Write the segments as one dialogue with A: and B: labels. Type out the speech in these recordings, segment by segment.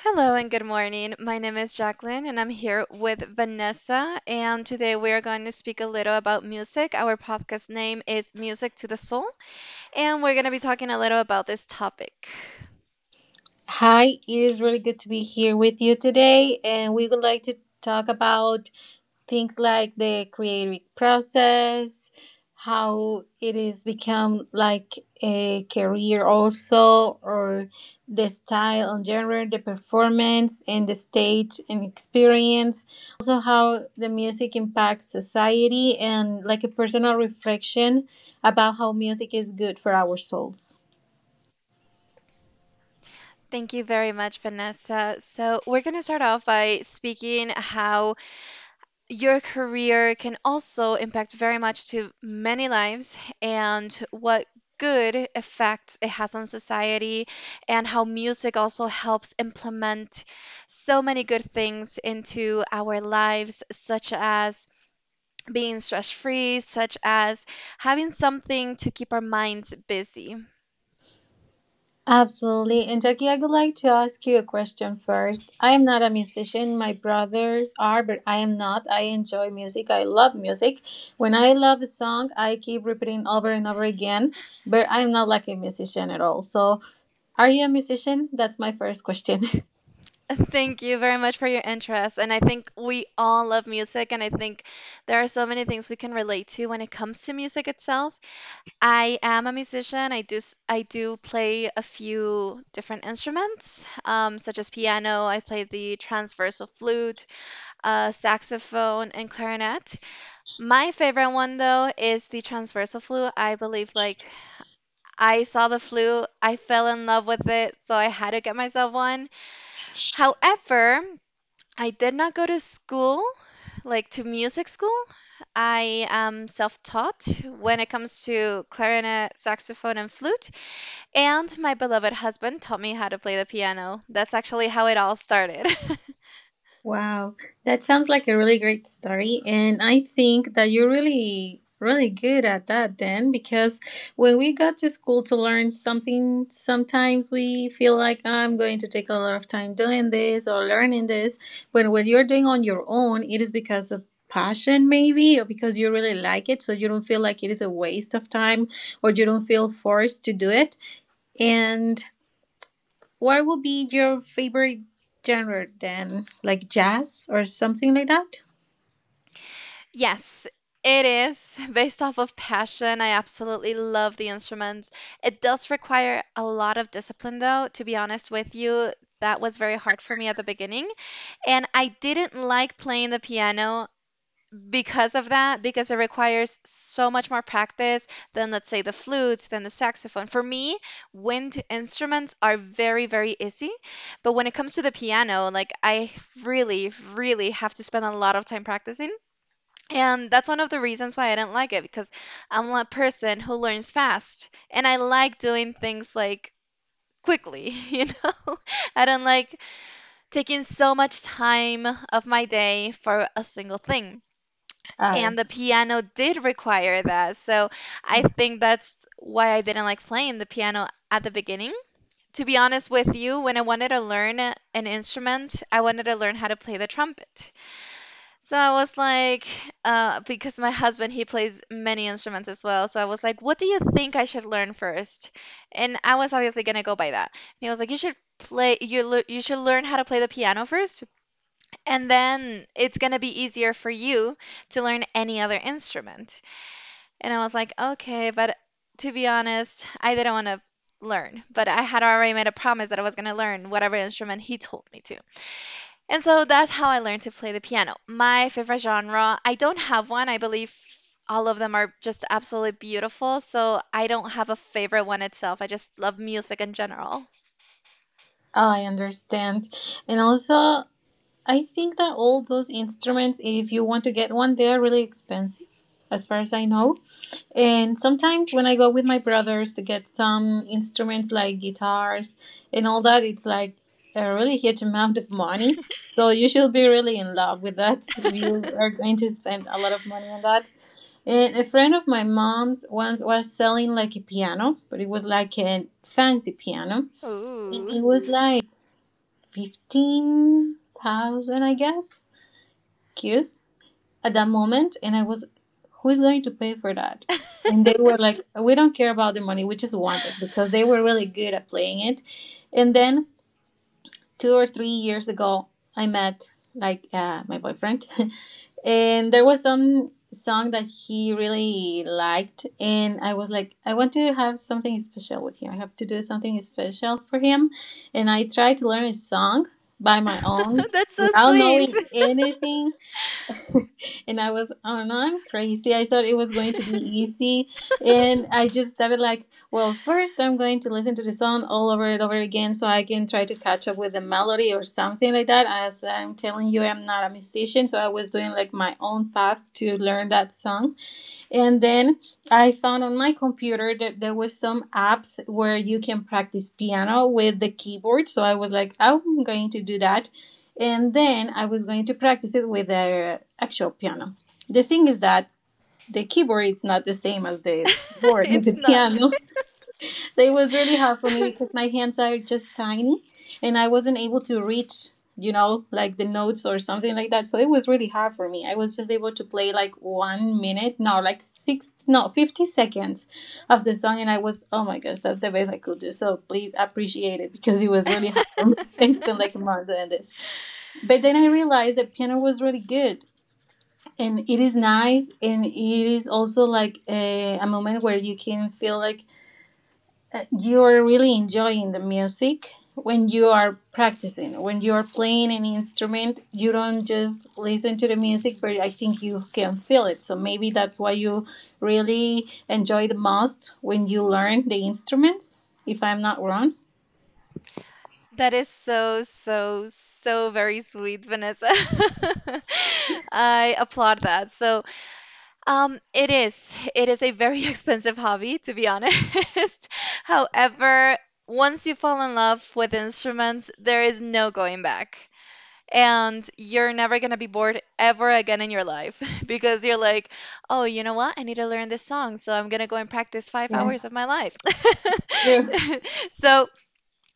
A: Hello and good morning. My name is Jacqueline, and I'm here with Vanessa. And today we are going to speak a little about music. Our podcast name is Music to the Soul, and we're going to be talking a little about this topic.
B: Hi, it is really good to be here with you today, and we would like to talk about things like the creative process, how it is become like a career also, or the style and genre, the performance and the stage and experience, also how the music impacts society and like a personal reflection about how music is good for our souls.
A: Thank you very much, Vanessa. So, we're going to start off by speaking how your career can also impact very much to many lives and what good effect it has on society and how music also helps implement so many good things into our lives such as being stress free such as having something to keep our minds busy
B: Absolutely. And Jackie, I would like to ask you a question first. I am not a musician. My brothers are, but I am not. I enjoy music. I love music. When I love a song, I keep repeating over and over again, but I'm not like a musician at all. So, are you a musician? That's my first question.
A: thank you very much for your interest and I think we all love music and I think there are so many things we can relate to when it comes to music itself. I am a musician. I do play a few different instruments, such as piano. I play the transversal flute, saxophone, and clarinet. My favorite one though is the transversal flute. I believe like I saw the flute, I fell in love with it, so I had to get myself one. However, I did not go to school, like to music school. I am self-taught when it comes to clarinet, saxophone, and flute. And my beloved husband taught me how to play the piano. That's actually how it all started.
B: Wow, that sounds like a really great story. And I think that you're really, really good at that then, because when we got to school to learn something, sometimes we feel like, "Oh, I'm going to take a lot of time doing this or learning this." But when you're doing on your own, it is because of passion, maybe, or because you really like it. So you don't feel like it is a waste of time or you don't feel forced to do it. And what would be your favorite genre then? Like jazz or something like that?
A: Yes, it is based off of passion. I absolutely love the instruments. It does require a lot of discipline, though, to be honest with you. That was very hard for me at the beginning. And I didn't like playing the piano because of that, because it requires so much more practice than, let's say, the flutes, than the saxophone. For me, wind instruments are very, very easy. But when it comes to the piano, like I really, really have to spend a lot of time practicing. And that's one of the reasons why I didn't like it because I'm a person who learns fast and I like doing things like quickly, you know? I don't like taking so much time of my day for a single thing.
B: All right.
A: And the piano did require that. So I
B: Yes.
A: think that's why I didn't like playing the piano at the beginning. To be honest with you, when I wanted to learn an instrument, I wanted to learn how to play the trumpet. So I was like, because my husband, he plays many instruments as well. So I was like, what do you think I should learn first? And I was obviously gonna go by that. And he was like, you should play, you should learn how to play the piano first, and then it's gonna be easier for you to learn any other instrument. And I was like, okay, but to be honest, I didn't want to learn, but I had already made a promise that I was going to learn whatever instrument he told me to. And so that's how I learned to play the piano. My favorite genre, I don't have one. I believe all of them are just absolutely beautiful. So I don't have a favorite one itself. I just love music in general.
B: I understand. And also, I think that all those instruments, if you want to get one, they are really expensive, as far as I know. And sometimes when I go with my brothers to get some instruments like guitars and all that, it's like a really huge amount of money. So you should be really in love with that if you are going to spend a lot of money on that. And a friend of my mom's once was selling like a piano, but it was like a fancy piano. And it
A: Ooh,
B: was like 15,000, I guess queues at that moment. And I was, who is going to pay for that? And they were like, we don't care about the money, we just want it because they were really good at playing it. And then two or three years ago, I met like my boyfriend, and there was some song that he really liked, and I was like, I want to have something special with him. I have to do something special for him, and I tried to learn his song by my own
A: that's so
B: without
A: sweet.
B: knowing anything and I was, oh no, I'm crazy. I thought it was going to be easy. And I just started like, well, first I'm going to listen to the song all over and over again so I can try to catch up with the melody or something like that. As I'm telling you, I'm not a musician, so I was doing like my own path to learn that song and then I found on my computer that there was some apps where you can practice piano with the keyboard. So I was like, "Oh, I'm going to do that." And then I was going to practice it with the actual piano. The thing is that the keyboard is not the same as the board, as
A: It's
B: the
A: not.
B: piano. So it was really hard for me because my hands are just tiny and I wasn't able to reach, you know, like the notes or something like that. So it was really hard for me. I was just able to play like one minute, no, like six, no, 50 seconds of the song. And I was, oh my gosh, that's the best I could do. So please appreciate it because it was really hard for me. I spent like a month doing this. But then I realized that piano was really good and it is nice and it is also like a moment where you can feel like that you're really enjoying the music. When you are practicing, when you're playing an instrument, you don't just listen to the music, but I think you can feel it. So maybe that's why you really enjoy the most when you learn the instruments, if I'm not wrong.
A: That is so, so, so very sweet, Vanessa. I applaud that. So, it is a very expensive hobby, to be honest. However, once you fall in love with instruments, there is no going back. And you're never gonna be bored ever again in your life because you're like, oh, you know what? I need to learn this song, so I'm gonna go and practice 5 hours
B: Yes,
A: of my life.
B: true.
A: So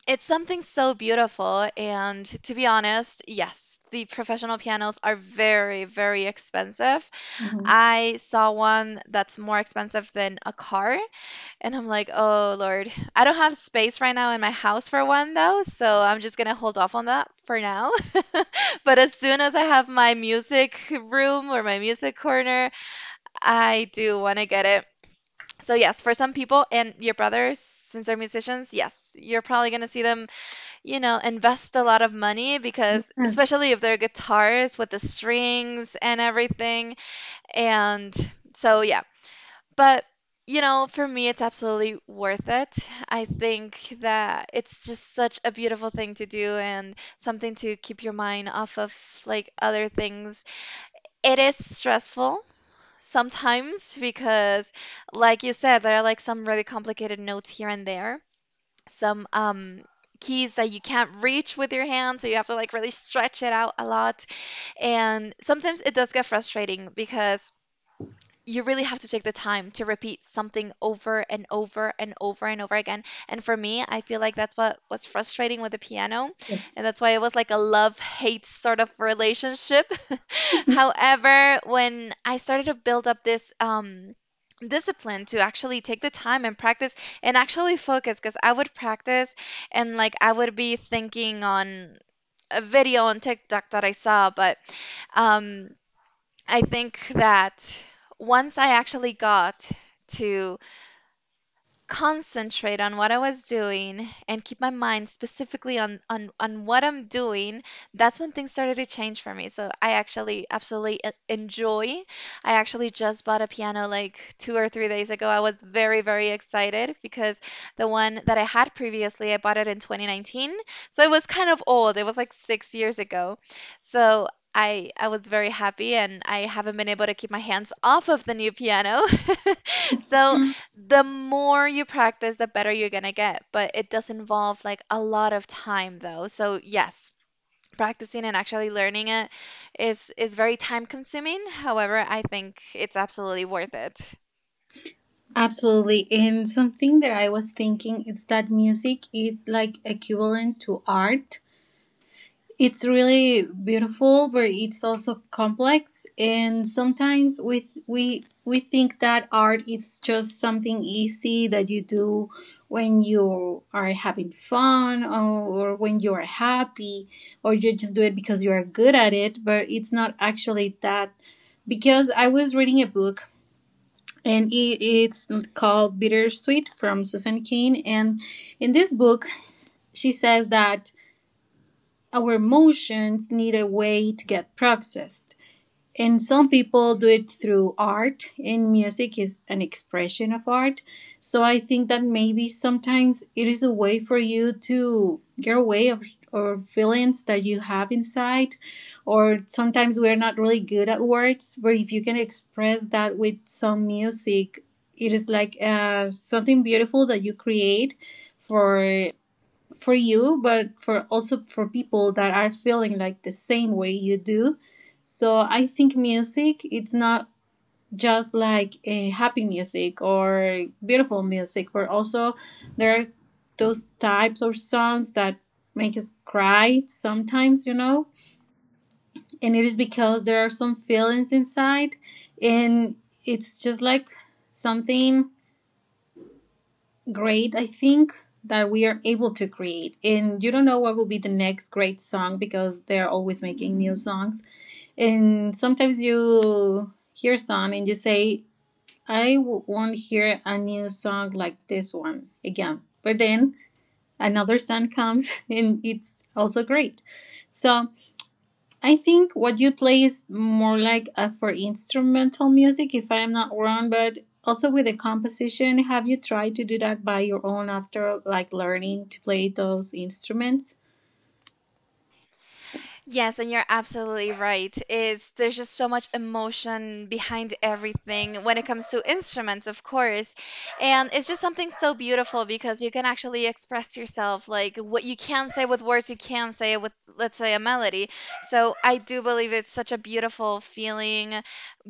A: it's something so beautiful. And to be honest, yes, the professional pianos are very, very expensive.
B: Mhm.
A: I saw one that's more expensive than a car. And I'm like, oh, Lord. I don't have space right now in my house for one, though. So I'm just going to hold off on that for now. But as soon as I have my music room or my music corner, I do want to get it. So, yes, for some people and your brothers, since they're musicians, yes, you're probably going to see them you know, invest a lot of money because,
B: Yes,
A: especially if they're guitars with the strings and everything. And so, yeah. But, you know, for me, it's absolutely worth it. I think that it's just such a beautiful thing to do and something to keep your mind off of like other things. It is stressful. Sometimes, because like you said, there are like some really complicated notes here and there, some keys that you can't reach with your hand so you have to like really stretch it out a lot and sometimes it does get frustrating because you really have to take the time to repeat something over and over and over and over again. And for me, I feel like that's what was frustrating with the piano. And
B: yes,
A: that's why it was like a love hate sort of relationship. However, when I started to build up this, discipline to actually take the time and practice and actually focus because I would practice and like I would be thinking on a video on TikTok that I saw, but um, I think that once I actually got to concentrate on what I was doing and keep my mind specifically on what I'm doing, that's when things started to change for me. So I actually absolutely enjoy. I actually just bought a piano like 2 or 3 days ago. I was very very excited because the one that I had previously, I bought it in 2019. So it was kind of old. It was like 6 years ago. So I was very happy and I haven't been able to keep my hands off of the new piano. So the more you practice, the better you're gonna get. But it does involve like a lot of time though. So yes, practicing and actually learning it is very time consuming. However, I think it's absolutely worth it.
B: absolutely. And something that I was thinking is that music is like equivalent to art. It's really beautiful, but it's also complex. And sometimes we we think that art is just something easy that you do when you are having fun or when you are happy or you just do it because you are good at it. But it's not actually that. Because I was reading a book and it's called Bittersweet from Susan Cain. And in this book, she says that our emotions need a way to get processed. And some people do it through art, and music is an expression of art. So I think that maybe sometimes it is a way for you to get away of or feelings that you have inside. Or sometimes we're not really good at words, but if you can express that with some music, it is like something beautiful that you create for you, but for also for people that are feeling like the same way you do. So I think music, it's not just like a happy music or beautiful music, but also there are those types of songs that make us cry sometimes, you know? And it is because there are some feelings inside and it's just like something great. I think that we are able to create and you don't know what will be the next great song because they're always making new songs and sometimes you hear a song and you say I won't hear a new song like this one again, but then another song comes and it's also great. So I think what you play is more like for instrumental music, if I'm not wrong, but also with the composition. Have you tried to do that by your own after like learning to play those instruments?
A: Yes, and you're absolutely right. It's there's just so much emotion behind everything when it comes to instruments, of course. And it's just something so beautiful because you can actually express yourself like what you can say with words, you can say with let's say a melody. So I do believe it's such a beautiful feeling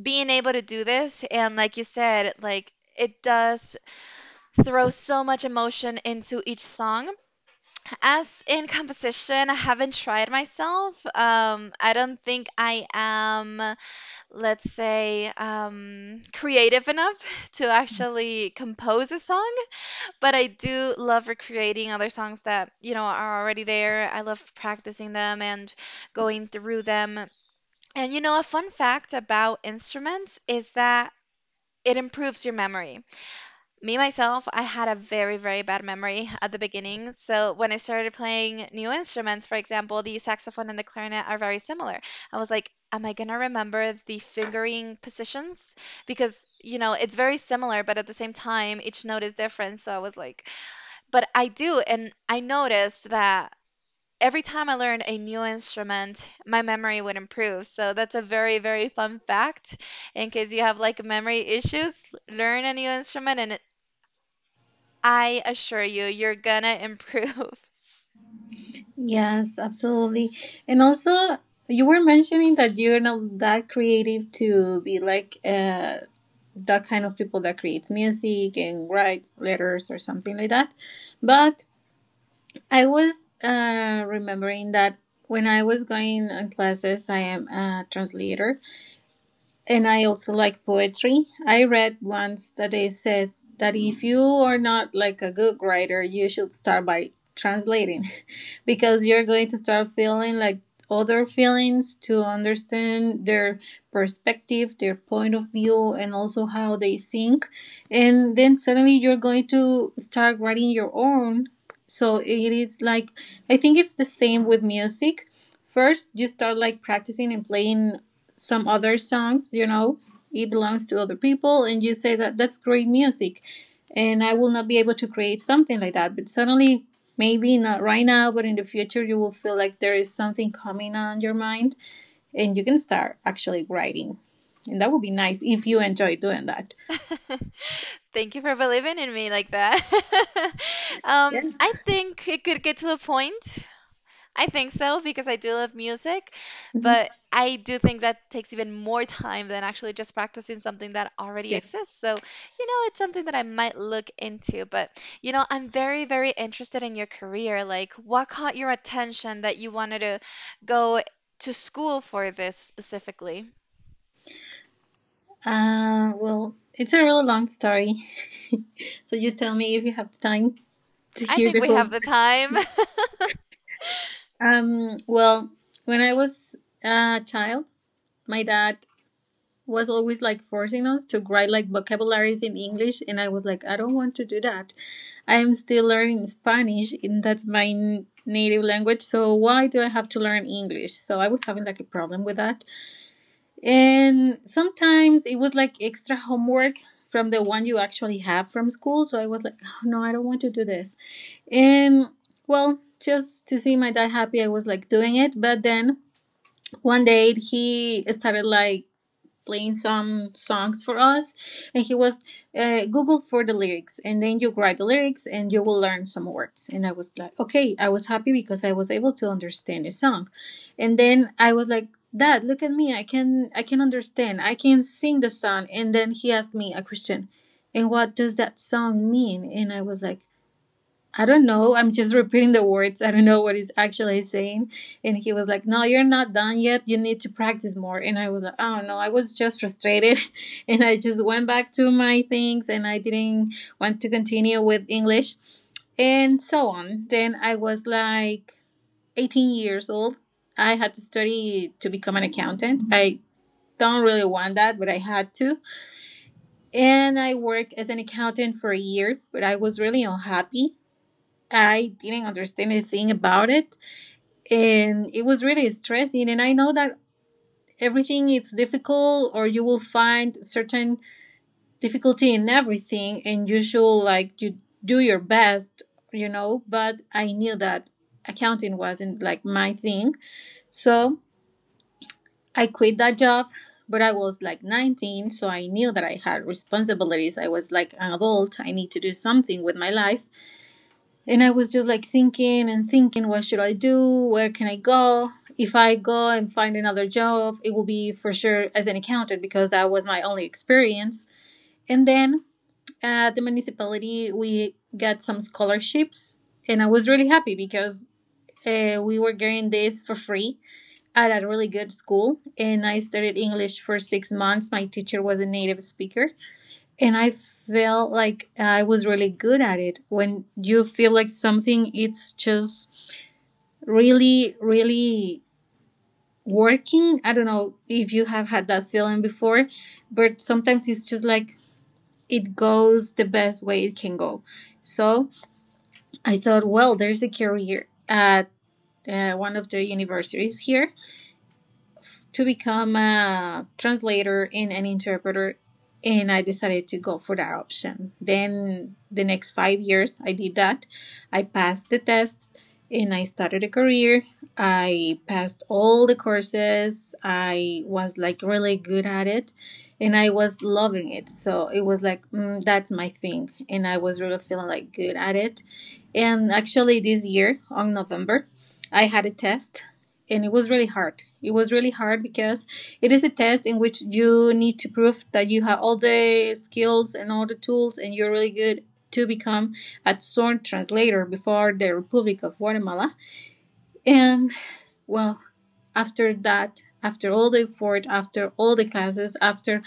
A: being able to do this and like you said, like it does throw so much emotion into each song as in composition, I haven't tried myself. I don't think I am, let's say, creative enough to actually compose a song, but I do love recreating other songs that, you know, are already there. I love practicing them and going through them. And, you know, a fun fact about instruments is that it improves your memory. Me, myself, I had a very, very bad memory at the beginning. So when I started playing new instruments, for example, the saxophone and the clarinet are very similar. I was like, am I gonna remember the fingering positions? Because, you know, it's very similar, but at the same time, each note is different. So I was like, but I do. And I noticed that every time I learned a new instrument, my memory would improve. So that's a very, very fun fact in case you have like memory issues, learn a new instrument and I assure you, you're gonna improve.
B: Yes, absolutely. And also, you were mentioning that you're not that creative to be like that kind of people that creates music and writes letters or something like that. But I was remembering that when I was going on classes, I am a translator. And I also like poetry. I read once that they said that if you are not like a good writer, you should start by translating because you're going to start feeling like other feelings to understand their perspective, their point of view, and also how they think. And then suddenly you're going to start writing your own. So it is like, I think it's the same with music. First, you start like practicing and playing some other songs, you know, it belongs to other people, and you say that that's great music, and I will not be able to create something like that. But suddenly, maybe not right now, but in the future, you will feel like there is something coming on your mind, and you can start actually writing, and that would be nice if you enjoy doing that.
A: Thank you for believing in me like that.
B: Yes.
A: I think it could get to a point. I think so because I do love music,
B: Mhm.
A: but I do think that takes even more time than actually just practicing something that already
B: Yes.
A: exists. So, you know, it's something that I might look into, but you know, I'm very, very interested in your career. Like, what caught your attention that you wanted to go to school for this specifically?
B: Well, it's a really long story, so you tell me if you have time to
A: I
B: hear
A: think
B: the
A: we
B: whole
A: have the
B: story.
A: time.
B: Well, when I was a child, my dad was always like forcing us to write like vocabularies in English, and I was like, I don't want to do that. I am still learning Spanish, and that's my native language. So why do I have to learn English? So I was having like a problem with that, and sometimes it was like extra homework from the one you actually have from school. So I was like, oh, no, I don't want to do this, and well, just to see my dad happy, I was like doing it. But then one day he started like playing some songs for us and he was google for the lyrics and then you write the lyrics and you will learn some words. And I was like, okay, I was happy because I was able to understand a song. And then I was like, dad, look at me, I can I can understand, I can sing the song. And then he asked me a question, and what does that song mean? And I was like, I don't know. I'm just repeating the words. I don't know what he's actually saying. And he was like, no, you're not done yet. You need to practice more. And I was like, oh no, I was just frustrated. And I just went back to my things and I didn't want to continue with English and so on. Then I was like 18 years old. I had to study to become an accountant. I don't really want that, but I had to. And I worked as an accountant for a year, but I was really unhappy. I didn't understand a thing about it. And it was really stressing. And I know that everything is difficult or you will find certain difficulty in everything and you should like you do your best, but I knew that accounting wasn't like my thing. So I quit that job, but I was like 19, so I knew that I had responsibilities. I was like an adult, I need to do something with my life. And I was just like thinking and thinking, what should I do? Where can I go? If I go and find another job, it will be for sure as an accountant because that was my only experience. And then at the municipality, we got some scholarships, and I was really happy because we were getting this for free at a really good school. And I studied English for 6 months. My teacher was a native speaker. And I felt like I was really good at it. When you feel like something, it's just really, really working. I don't know if you have had that feeling before, but sometimes it's just like it goes the best way it can go. So I thought, well, there's a career at one of the universities here to become a translator and an interpreter, and I decided to go for that option. Then the next 5 years I did that. I passed the tests and I started a career. I passed all the courses. I was like really good at it and I was loving it. So it was like, that's my thing. And I was really feeling like good at it. And actually, this year on November, I had a test and it was really hard. It was really hard because it is a test in which you need to prove that you have all the skills and all the tools and you're really good to become a sworn translator before the Republic of Guatemala. And well, after that, after all the effort, after all the classes, after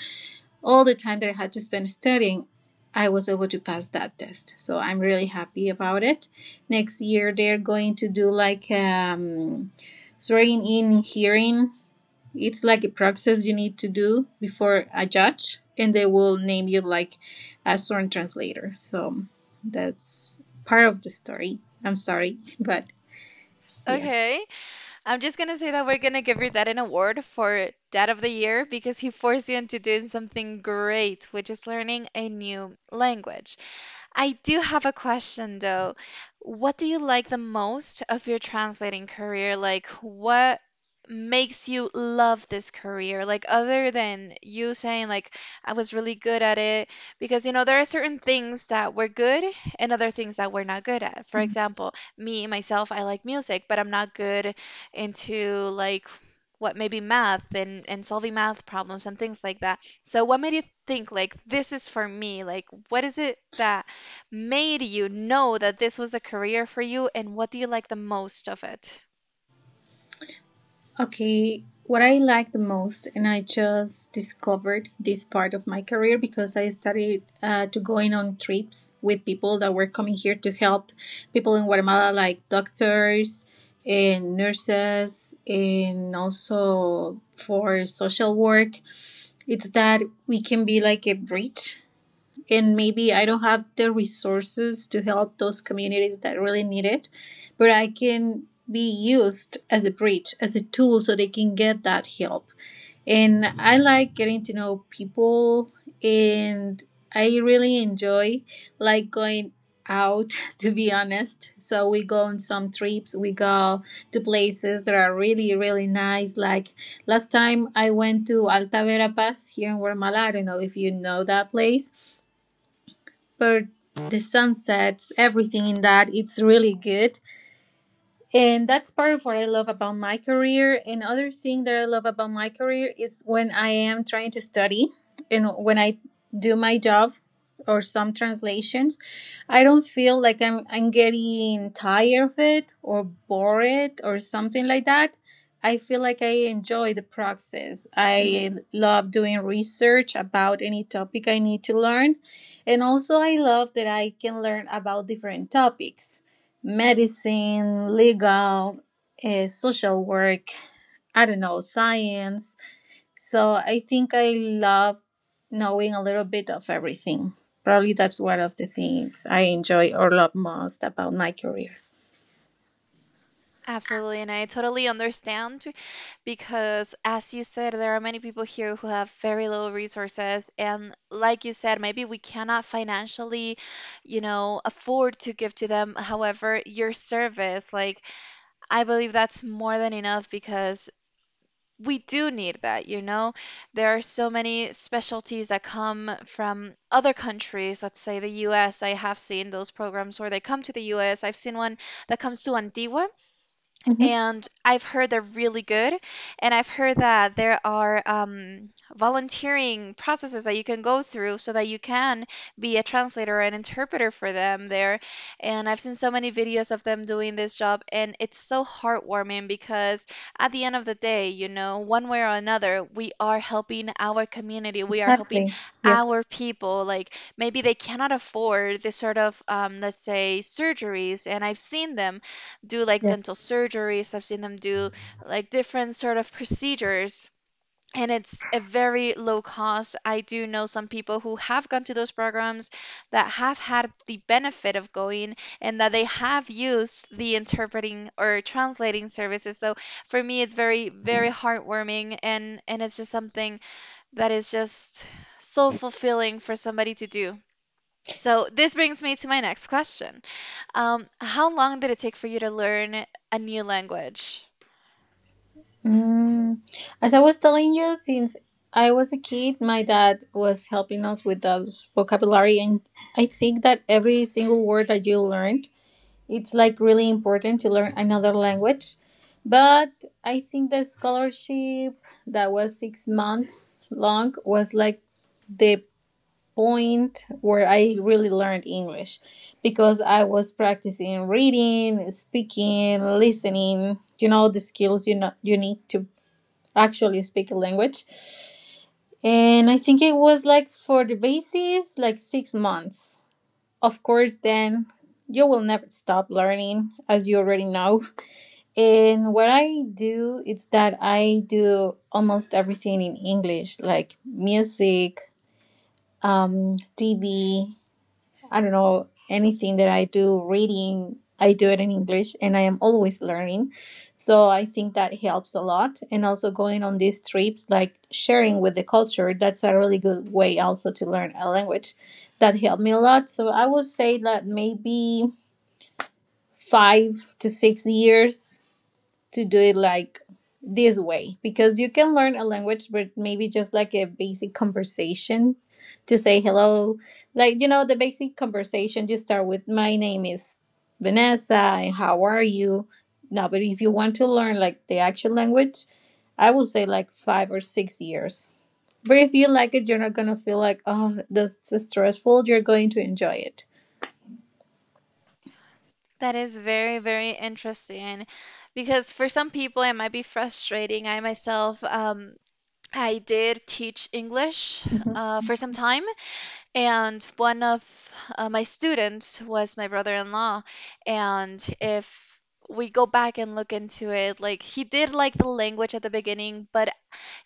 B: all the time that I had to spend studying, I was able to pass that test. So I'm really happy about it. Next year, they're going to do like swearing in hearing. It's like a process you need to do before a judge, and they will name you like a sworn translator. So that's part of the story. I'm sorry, but yes.
A: Okay. I'm just gonna say that we're gonna give your dad an award for Dad of the Year because he forced you into doing something great, which is learning a new language. I do have a question though. What do you like the most of your translating career? Like, what makes you love this career? Like, other than you saying, like, I was really good at it, because, you know, there are certain things that we're good and other things that we're not good at. For example, me, myself, I like music, but I'm not good into, like, what maybe math and solving math problems and things like that. So what made you think like this is for me? Like what is it that made you know that this was the career for you and what do you like the most of it?
B: Okay, what I like the most, and I just discovered this part of my career because I started to going on trips with people that were coming here to help people in Guatemala, like doctors and nurses, and also for social work. It's that we can be like a bridge, and maybe I don't have the resources to help those communities that really need it, but I can be used as a bridge, as a tool, so they can get that help. And I like getting to know people, and I really enjoy like going out to be honest. So we go on some trips. We go to places that are really really nice. Like last time I went to Alta Verapaz here in Guatemala. I don't know if you know that place, but the sunsets, everything in that, it's really good. And that's part of what I love about my career. Another thing that I love about my career is when I am trying to study and when I do my job or some translations, I don't feel like I'm getting tired of it or bored or something like that. I feel like I enjoy the process. I love doing research about any topic I need to learn. And also I love that I can learn about different topics, medicine, legal, social work, I don't know, science. So I think I love knowing a little bit of everything. Probably that's one of the things I enjoy or love most about my career.
A: Absolutely, and I totally understand because, as you said, there are many people here who have very little resources, and like you said, maybe we cannot financially, afford to give to them. However, your service, like, I believe that's more than enough because we do need that, you know? There are so many specialties that come from other countries, let's say the US. I have seen those programs where they come to the US. I've seen one that comes to Antigua
B: Hmm.
A: and I've heard they're really good. And I've heard that there are volunteering processes that you can go through so that you can be a translator or an interpreter for them there. And I've seen so many videos of them doing this job, and it's so heartwarming because at the end of the day, one way or another, we are helping our community, we are helping
B: Exactly. Yes.
A: our people. Like maybe they cannot afford this sort of, let's say, surgeries, and I've seen them do like dental
B: Yes.
A: surgeries. I've seen them do like different sort of procedures. And it's a very low cost. I do know some people who have gone to those programs that have had the benefit of going and that they have used the interpreting or translating services. So for me, it's very, very heartwarming and it's just something that is just so fulfilling for somebody to do. So this brings me to my next question. How long did it take for you to learn a new language?
B: Mm, as I was telling you, since I was a kid, my dad was helping us with the vocabulary, and I think that every single word that you learned, it's like really important to learn another language. But I think the scholarship that was 6 months long was like the point where I really learned English, because I was practicing reading, speaking, listening, the skills you know you need to actually speak a language. And I think it was like for the basis, like 6 months. Of course, then you will never stop learning, as you already know. And what I do is that I do almost everything in English, like music, DB, I don't know, anything that I do, reading, I do it in English, and I am always learning. So I think that helps a lot. And also going on these trips, like sharing with the culture, that's a really good way also to learn a language. That helped me a lot. So I would say that maybe 5 to 6 years to do it like this way, because you can learn a language, but maybe just like a basic conversation, to say hello, like the basic conversation you start with, my name is Vanessa and how are you. No, but if you want to learn like the actual language, I would say like 5 or 6 years. But if you like it, you're not gonna feel like, oh, that's stressful, you're going to enjoy it.
A: That is very, very interesting because for some people it might be frustrating. I myself, I did teach English
B: Mhm.
A: for some time. And one of my students was my brother-in-law. And if we go back and look into it, like he did like the language at the beginning, but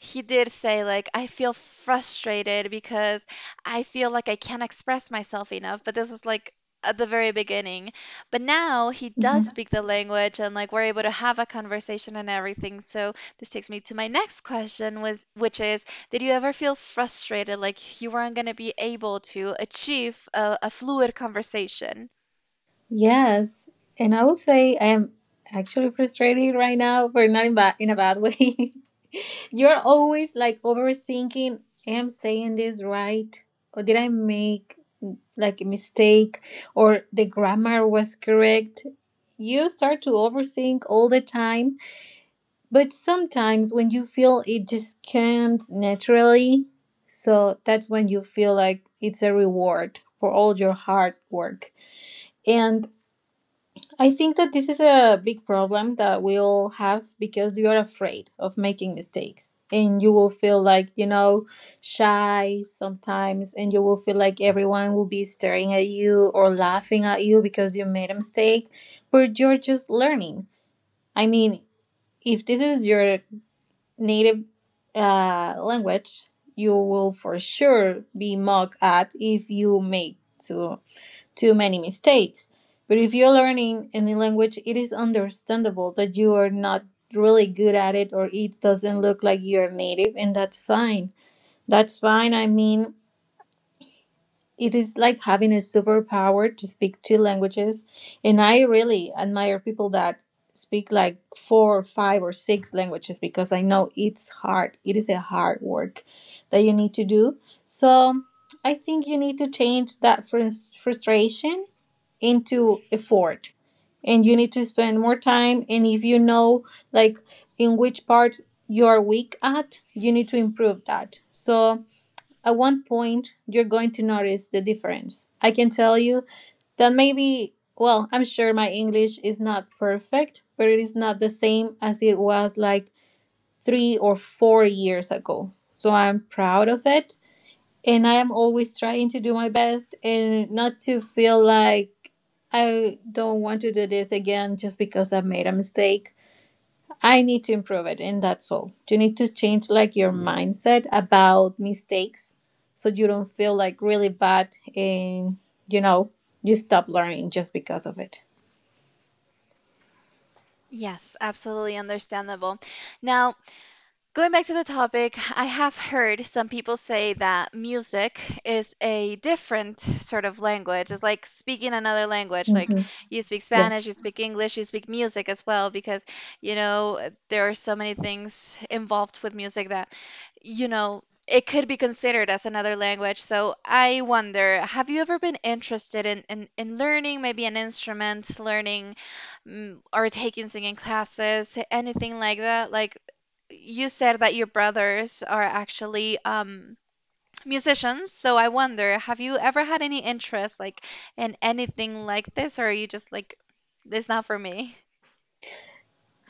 A: he did say like I feel frustrated because I feel like I can't express myself enough. But this is like at the very beginning. But now he does
B: Mhm.
A: speak the language and like we're able to have a conversation and everything. So this takes me to my next question was which is did you ever feel frustrated, like you weren't going to be able to achieve a fluid conversation?
B: Yes, and I would say I am actually frustrated right now, but not in a bad way. You're always like overthinking. Am saying this right, or did I make like a mistake, or the grammar was correct? You start to overthink all the time, but sometimes when you feel it just comes naturally, so that's when you feel like it's a reward for all your hard work. And I think that this is a big problem that we all have because you are afraid of making mistakes and you will feel like, shy sometimes, and you will feel like everyone will be staring at you or laughing at you because you made a mistake, but you're just learning. I mean, if this is your native language, you will for sure be mocked at if you make two too many mistakes. But if you're learning any language, it is understandable that you are not really good at it or it doesn't look like you're native, and that's fine. That's fine. I mean, it is like having a superpower to speak two languages, and I really admire people that speak like four, five, or six languages, because I know it's hard. It is a hard work that you need to do. So I think you need to change that frustration into effort, and you need to spend more time. And if you know like in which part you are weak at, you need to improve that. So at one point you're going to notice the difference. I can tell you that, maybe, well, I'm sure my English is not perfect, but it is not the same as it was like 3 or 4 years ago, so I'm proud of it. And I am always trying to do my best and not to feel like I don't want to do this again just because I've made a mistake. I need to improve it, and that's all. You need to change like your mindset about mistakes so you don't feel like really bad and you know you stop learning just because of it.
A: Yes, absolutely understandable. Now, going back to the topic, I have heard some people say that music is a different sort of language. It's like speaking another language. Like
B: Hmm.
A: you speak Spanish,
B: Yes.
A: you speak English, you speak music as well, because, there are so many things involved with music that, it could be considered as another language. So I wonder, have you ever been interested in learning maybe an instrument, learning or taking singing classes, anything like that? Like, you said that your brothers are actually musicians, so I wonder, have you ever had any interest like in anything like this, or are you just like, it's not for me?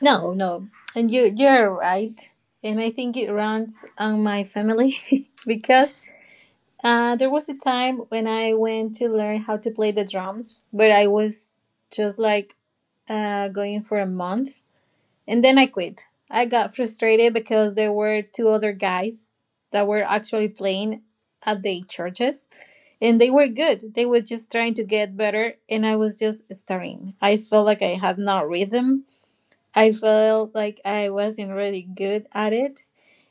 B: No, no, and you're right, and I think it runs on my family because there was a time when I went to learn how to play the drums, but I was just like going for a month and then I quit. I got frustrated because there were two other guys that were actually playing at the churches and they were good. They were just trying to get better and I was just starting. I felt like I had no rhythm. I felt like I wasn't really good at it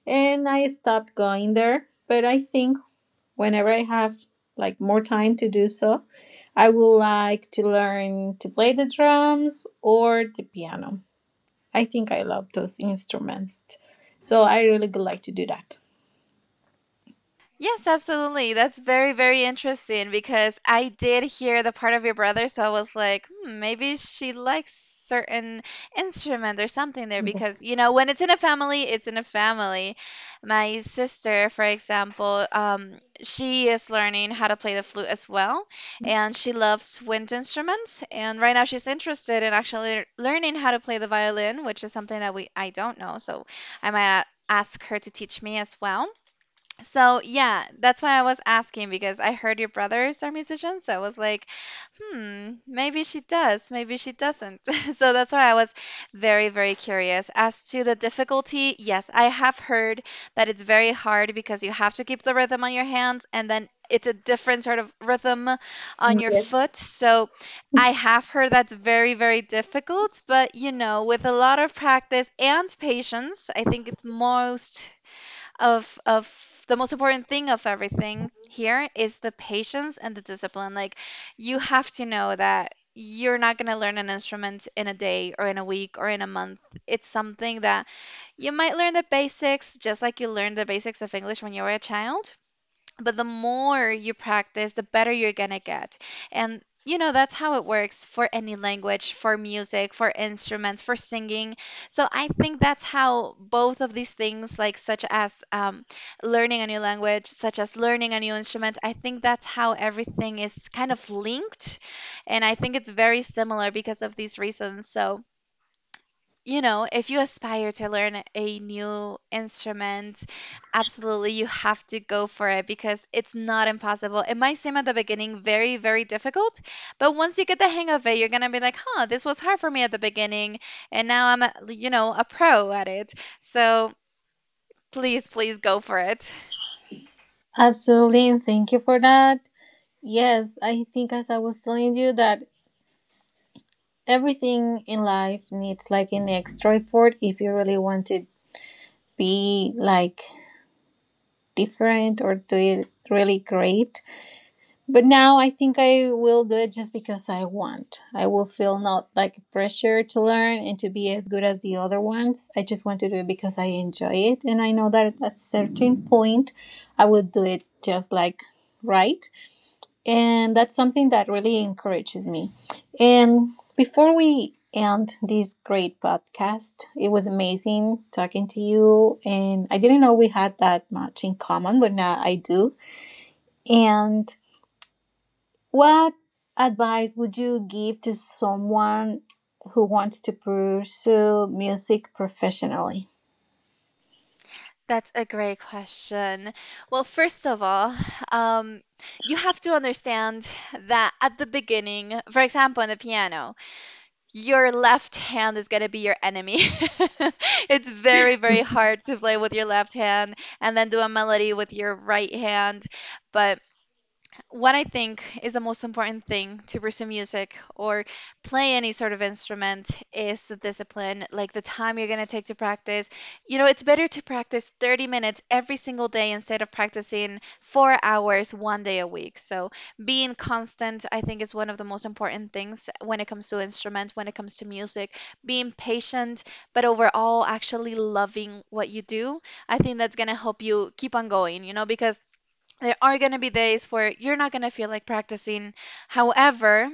B: and I stopped going there. But I think whenever I have like more time to do so, I would like to learn to play the drums or the piano. I think I love those instruments. So I really would like to do that.
A: Yes, absolutely. That's very, very interesting because I did hear the part of your brother, so I was like, hmm, maybe she likes certain instrument or something there because,
B: Yes.
A: when it's in a family, it's in a family. My sister, for example, she is learning how to play the flute as well, and she loves wind instruments. And right now, she's interested in actually learning how to play the violin, which is something that we I don't know, so I might ask her to teach me as well. So yeah, that's why I was asking because I heard your brothers are musicians. So I was like, hmm, maybe she does, maybe she doesn't. So that's why I was very, very curious. As to the difficulty, yes, I have heard that it's very hard because you have to keep the rhythm on your hands and then it's a different sort of rhythm on your
B: Yes.
A: foot. So I have heard that's very, very difficult, but with a lot of practice and patience, I think it's most of the most important thing of everything here is the patience and the discipline. Like you have to know that you're not going to learn an instrument in a day or in a week or in a month. It's something that you might learn the basics just like you learned the basics of English when you were a child, but the more you practice, the better you're gonna get. And that's how it works for any language, for music, for instruments, for singing. So I think that's how both of these things, like such as learning a new language, such as learning a new instrument, I think that's how everything is kind of linked. And I think it's very similar because of these reasons. So if you aspire to learn a new instrument, absolutely you have to go for it because it's not impossible. It might seem at the beginning very, very difficult, but once you get the hang of it, you're going to be like, huh, this was hard for me at the beginning, and now I'm, a pro at it. So please, please go for it.
B: Absolutely. And thank you for that. Yes, I think as I was telling you that everything in life needs like an extra effort if you really want to be like different or do it really great. But now I think I will do it just because I want. I will feel not like pressure to learn and to be as good as the other ones. I just want to do it because I enjoy it. And I know that at a certain point, I will do it just like right. And that's something that really encourages me. And before we end this great podcast, it was amazing talking to you. And I didn't know we had that much in common, but now I do. And what advice would you give to someone who wants to pursue music professionally?
A: That's a great question. Well, first of all, um, you have to understand that at the beginning, for example, in the piano, your left hand is going to be your enemy. It's very, very hard to play with your left hand and then do a melody with your right hand. But what I think is the most important thing to pursue music or play any sort of instrument is the discipline, like the time you're going to take to practice. It's better to practice 30 minutes every single day instead of practicing 4 hours one day a week. So, being constant, I think, is one of the most important things when it comes to instrument, when it comes to music. Being patient, but overall, actually loving what you do. I think that's going to help you keep on going, because there are going to be days where you're not going to feel like practicing. However,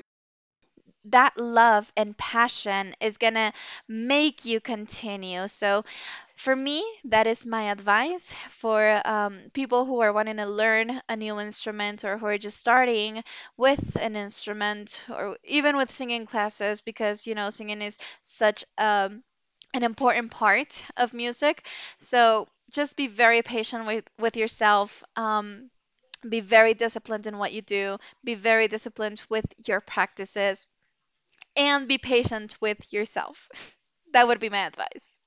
A: that love and passion is going to make you continue. So, for me, that is my advice for people who are wanting to learn a new instrument or who are just starting with an instrument or even with singing classes because, singing is such an important part of music. So, just be very patient with yourself. Be very disciplined in what you do, be very disciplined with your practices, and be patient with yourself. That would be my advice.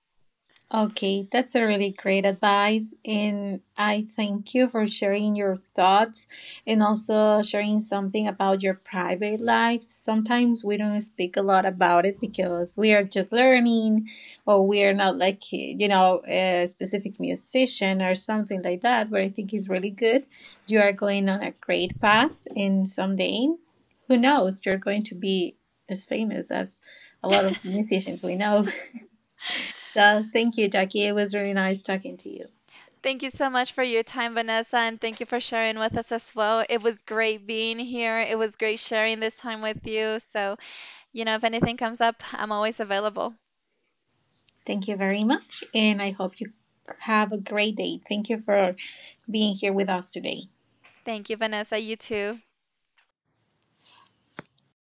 B: Okay, that's a really great advice. And I thank you for sharing your thoughts and also sharing something about your private life. Sometimes we don't speak a lot about it because we are just learning or we are not like, a specific musician or something like that. But I think it's really good. You are going on a great path, and someday, who knows, you're going to be as famous as a lot of musicians we know. So thank you, Jackie. It was really nice talking to you.
A: Thank you so much for your time, Vanessa, and thank you for sharing with us as well. It was great being here. It was great sharing this time with you. So, if anything comes up, I'm always available.
B: Thank you very much. And I hope you have a great day. Thank you for being here with us today.
A: Thank you, Vanessa. You too.